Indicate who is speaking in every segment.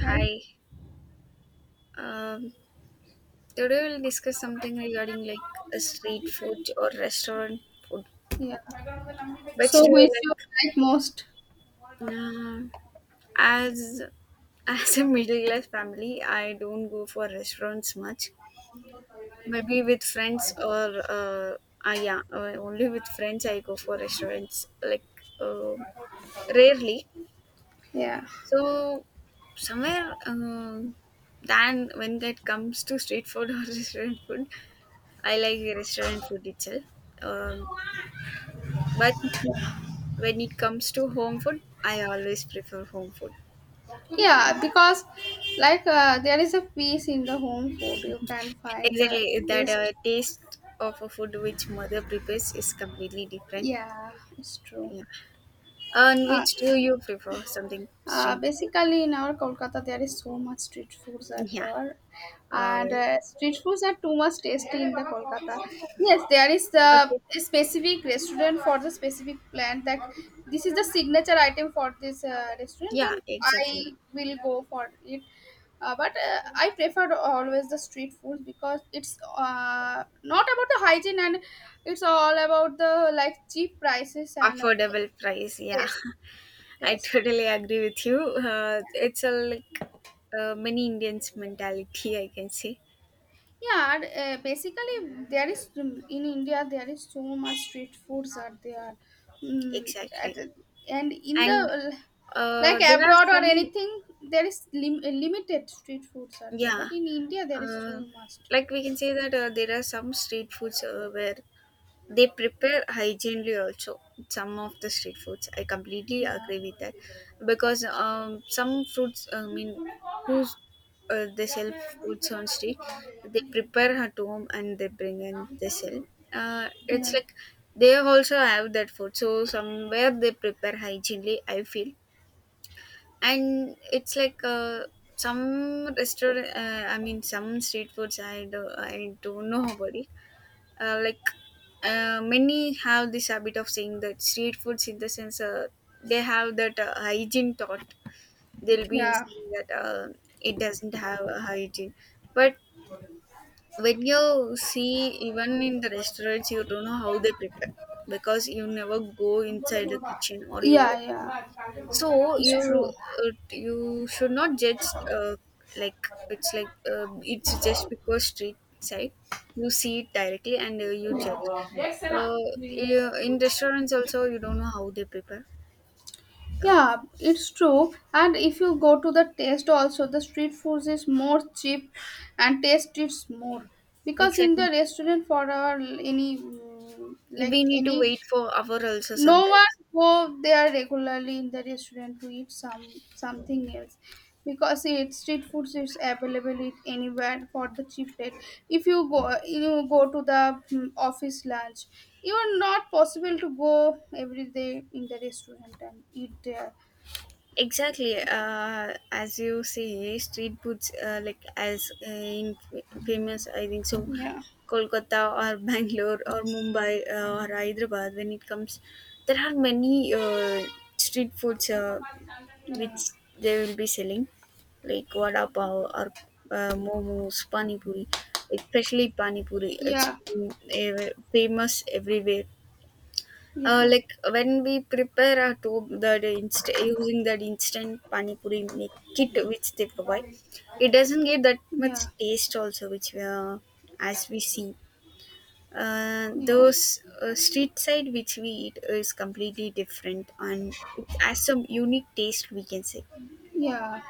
Speaker 1: Right?
Speaker 2: Hi. Um, today we'll discuss something regarding like a street food or restaurant food.
Speaker 1: Yeah.
Speaker 2: Which
Speaker 1: So
Speaker 2: do you
Speaker 1: which you
Speaker 2: like?
Speaker 1: like most?
Speaker 2: Um, as as a middle class family, I don't go for restaurants much. Maybe with friends or yeah, only with friends I go for restaurants like uh, rarely.
Speaker 1: Yeah.
Speaker 2: So somewhere than when it comes to street food or restaurant food I like the restaurant food itself. Um, but when it comes to home food, I always prefer home food. And
Speaker 1: Yeah, because like there is a peace in the home food. You can find the
Speaker 2: exactly that
Speaker 1: taste.
Speaker 2: taste of a food which mother prepares is completely different.
Speaker 1: Yeah, it's true.
Speaker 2: Yeah. And
Speaker 1: Uh,
Speaker 2: which do you prefer? Something street food?
Speaker 1: Basically, in our Kolkata, there is so much street foods are
Speaker 2: Yeah.
Speaker 1: there, are,
Speaker 2: Uh,
Speaker 1: and street foods are too much tasty in the Kolkata. Yes, there is the
Speaker 2: okay.
Speaker 1: a specific restaurant for the specific plant that this is the signature item for this restaurant. Then
Speaker 2: Yeah, exactly.
Speaker 1: I will go for it. But I prefer always the street food because it's not about the hygiene and it's all about the like cheap prices and
Speaker 2: Affordable price. Yeah,
Speaker 1: taste, taste,
Speaker 2: I
Speaker 1: taste.
Speaker 2: totally agree with you. It's a like many Indians mentality, I can say.
Speaker 1: Yeah, and, basically there is in India there is so much street foods are there, at,
Speaker 2: Exactly.
Speaker 1: and in the
Speaker 2: And
Speaker 1: like
Speaker 2: There are
Speaker 1: abroad or
Speaker 2: some,
Speaker 1: anything there is limited street foods are there,
Speaker 2: yeah,
Speaker 1: but in India there is so
Speaker 2: uh,
Speaker 1: much.
Speaker 2: like we can say that there are some street foods where they prepare hygienely also. Some of the street foods, I completely
Speaker 1: Yeah,
Speaker 2: agree with that, because some fruits, I mean, who's they sell foods on street, they prepare at home and they bring and they sell. It's
Speaker 1: yeah,
Speaker 2: like they also have that food, so somewhere they prepare hygienely. I feel and it's like some restaurant I mean some street foods I don't know about it like many have this habit of saying that street foods in the sense they have that hygiene thought they'll be
Speaker 1: yeah,
Speaker 2: saying that it doesn't have a hygiene but when you see even in the restaurants you don't know how they prepare because you never go inside the kitchen or you
Speaker 1: yeah, yeah.
Speaker 2: so
Speaker 1: It's
Speaker 2: you
Speaker 1: true.
Speaker 2: you should not judge like it's just because street side you see it directly and you judge. Uh, yeah, in restaurants also you don't know how they prepare. Uh,
Speaker 1: Yeah, it's true. And if you go to the taste also, the street food is more cheap and taste is more. Because in the
Speaker 2: exactly,
Speaker 1: restaurant for our any
Speaker 2: we
Speaker 1: like
Speaker 2: need to
Speaker 1: any
Speaker 2: wait for hour also
Speaker 1: no one
Speaker 2: sometimes.
Speaker 1: go there regularly in the restaurant to eat some something else because it street food is available it anywhere for the cheap rate. If you go you go to the office lunch, you are not possible to go every day in the restaurant and eat there.
Speaker 2: Exactly. As you say, street foods like as in famous, I think so,
Speaker 1: Yeah.
Speaker 2: Kolkata or Bangalore or Mumbai or Hyderabad. When it comes, there are many street foods
Speaker 1: Yeah.
Speaker 2: which they will be selling, like vada pav or momos, pani puri, especially pani puri. It's
Speaker 1: Yeah.
Speaker 2: famous everywhere. Uh,
Speaker 1: Yeah.
Speaker 2: like when we prepare a to the using that instant pani puri make kit which they provide, it doesn't get that much
Speaker 1: Yeah.
Speaker 2: taste also which we are, as we see. Uh,
Speaker 1: Yeah.
Speaker 2: those street side which we eat is completely different and it has some unique taste we can say.
Speaker 1: Yeah.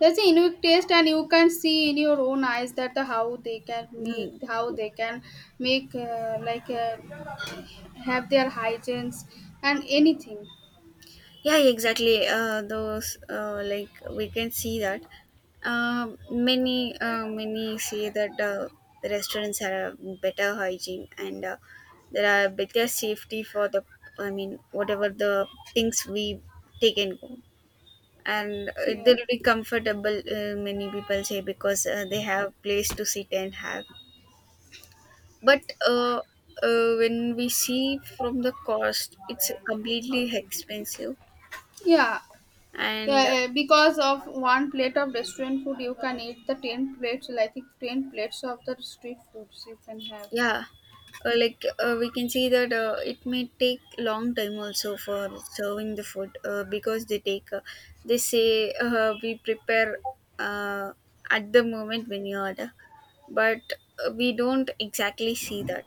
Speaker 1: That's a unique taste and you can see in your own eyes that how they can make
Speaker 2: Mm.
Speaker 1: how they can make like have their hygienes and anything.
Speaker 2: Yeah, exactly. Those like we can see that many many say that the restaurants have better hygiene and there are better safety for the I mean whatever the things we take and go and it
Speaker 1: Yeah.
Speaker 2: will be comfortable. Many people say because they have place to sit and have. But when we see from the cost, it's completely expensive
Speaker 1: Yeah.
Speaker 2: and
Speaker 1: Yeah, because of one plate of restaurant food, you can eat the ten plates, like ten plates of the street foods you can have.
Speaker 2: yeah like we can see that it may take long time also for serving the food because they take they say we prepare uh, at the moment when you order but we don't exactly see that.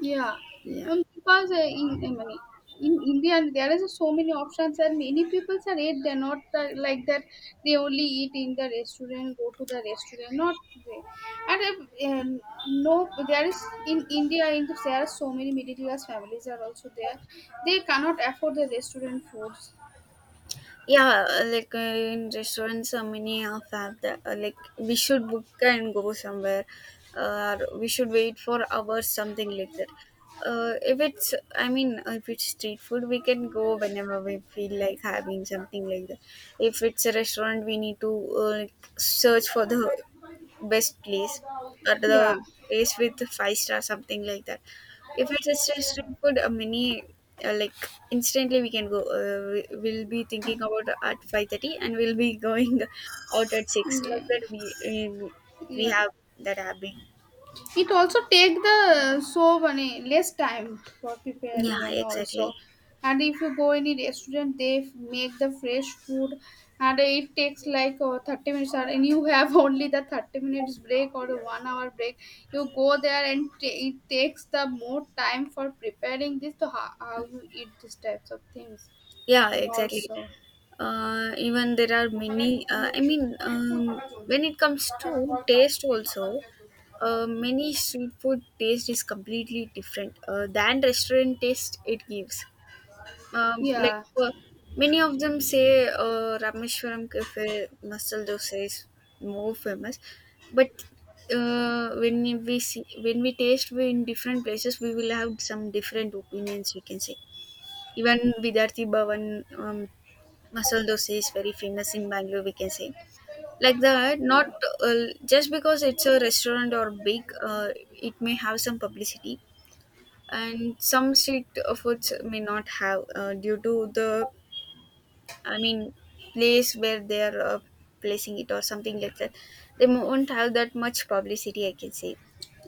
Speaker 1: Yeah,
Speaker 2: Yeah,
Speaker 1: because in I mean, in India there is so many options and many people are eat. They're not like that. They only eat in the restaurant, go to the restaurant, not there. And no, there is in India. In the, there are so many middle class families are also there. They cannot afford the restaurant foods.
Speaker 2: yeah, like in restaurants, many have that. Like we should book and go somewhere, or we should wait for hours, something like that. If it's, I mean, if it's street food, we can go whenever we feel like having something like that. If it's a restaurant, we need to like search for the best place or
Speaker 1: Yeah,
Speaker 2: the place with five-star something like that if it's a street food a mini like instantly we can go we'll be thinking about at 5:30 and we'll be going out at 6 like
Speaker 1: yeah,
Speaker 2: that. We
Speaker 1: yeah.
Speaker 2: have that habit.
Speaker 1: It also take the so many less time for
Speaker 2: Yeah,
Speaker 1: preparing and
Speaker 2: exactly.
Speaker 1: also and if you go any restaurant they make the fresh food and it takes like 30 minutes or- and you have only the 30 minutes break or 1 hour break, you go there and ta it takes the more time for preparing this to how you eat these types of things
Speaker 2: Yeah,
Speaker 1: and
Speaker 2: exactly.
Speaker 1: also,
Speaker 2: Even there are many, I mean, when it comes to taste also many street food taste is completely different than restaurant taste it gives. Like
Speaker 1: yeah,
Speaker 2: many of them say Rameshwaram Cafe masala dosa is more famous, but when we see when we taste we in different places we will have some different opinions we can say. Even Vidyarthi Bhavan um, masala dosa is very famous in Bangalore, we can say. Like that, not
Speaker 1: yeah.
Speaker 2: uh, just because it's a restaurant or big, it may have some publicity, and some street foods may not have due to the, I mean, place where they are placing it or something like that. They won't have that much publicity, I can say.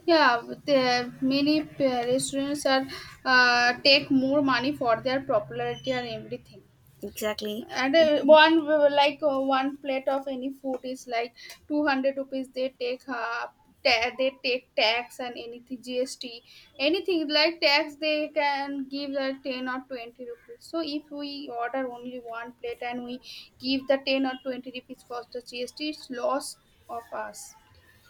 Speaker 1: Yeah, the many restaurants are take more money for their popularity and everything.
Speaker 2: Exactly.
Speaker 1: And one plate of any food is like 200 rupees. They take they take tax and anything GST, anything like tax they can give the 10 or 20 rupees. So if we order only one plate and we give the 10 or 20 rupees for the GST, it's loss of us.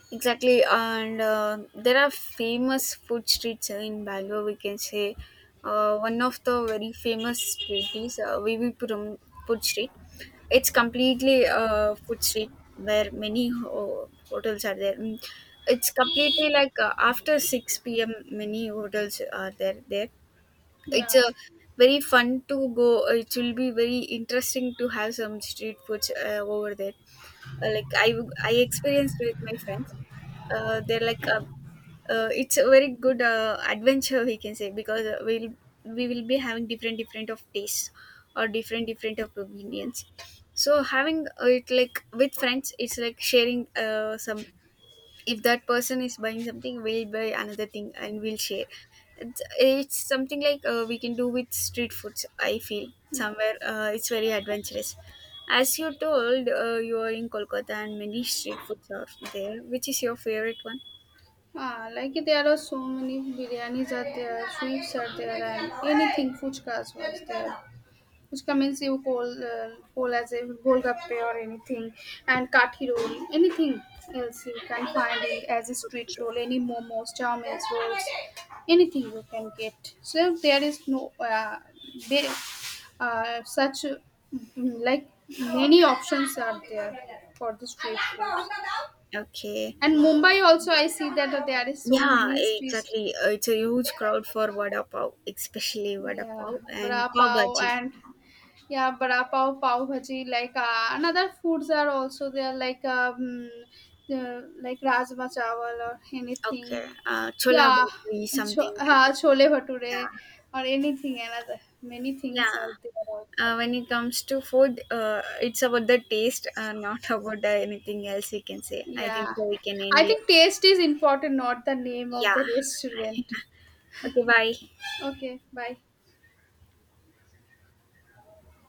Speaker 2: Exactly, and there are famous food streets in Bangalore. We can say one of the very famous street is VV Puram Food Street. It's completely a food street where many hotels are there. It's completely like after 6 p.m. Many hotels are there. There, it's
Speaker 1: Yeah.
Speaker 2: a very fun to go. It will be very interesting to have some street foods over there. Like I experienced with my friends. They're like it's a very good adventure we can say because we will be having different different of tastes or different different of opinions, so having it like with friends it's like sharing some. If that person is buying something, we'll buy another thing and we'll share. It's something like we can do with street foods I feel. Somewhere it's very adventurous. As you told, you are in Kolkata and many street foods are there. Which is your favorite one?
Speaker 1: Ah, like there are so many biryanis are there, sweets are there, and anything fuchkas was there. Fuchka means you call call as a golgappe or anything, and kathi roll, anything else you can find it as a street roll, any momos, chow mein rolls, anything you can get. So there is no they such like many options are there for the street food.
Speaker 2: Okay.
Speaker 1: And Mumbai also, I see that there is so
Speaker 2: Yeah,
Speaker 1: many streets.
Speaker 2: exactly. It's a huge crowd for vada pav, especially vada
Speaker 1: Yeah,
Speaker 2: pav
Speaker 1: bra
Speaker 2: and pav
Speaker 1: pav
Speaker 2: bhaji.
Speaker 1: and yeah, bra pav, pav bhaji. Like another foods are also there, like the, like rajma chawal or anything.
Speaker 2: Okay. Chola
Speaker 1: Yeah,
Speaker 2: bhaji, something like that.
Speaker 1: chole
Speaker 2: Yeah.
Speaker 1: bhature or anything. Another many things
Speaker 2: Yeah.
Speaker 1: are there
Speaker 2: Uh,
Speaker 1: also.
Speaker 2: when it comes to food, it's about the taste, not about the anything else we can say. I think
Speaker 1: Yeah,
Speaker 2: so we can end
Speaker 1: I
Speaker 2: here.
Speaker 1: think taste is important, not the name of
Speaker 2: Yeah.
Speaker 1: the restaurant.
Speaker 2: Okay, bye.
Speaker 1: Okay, bye.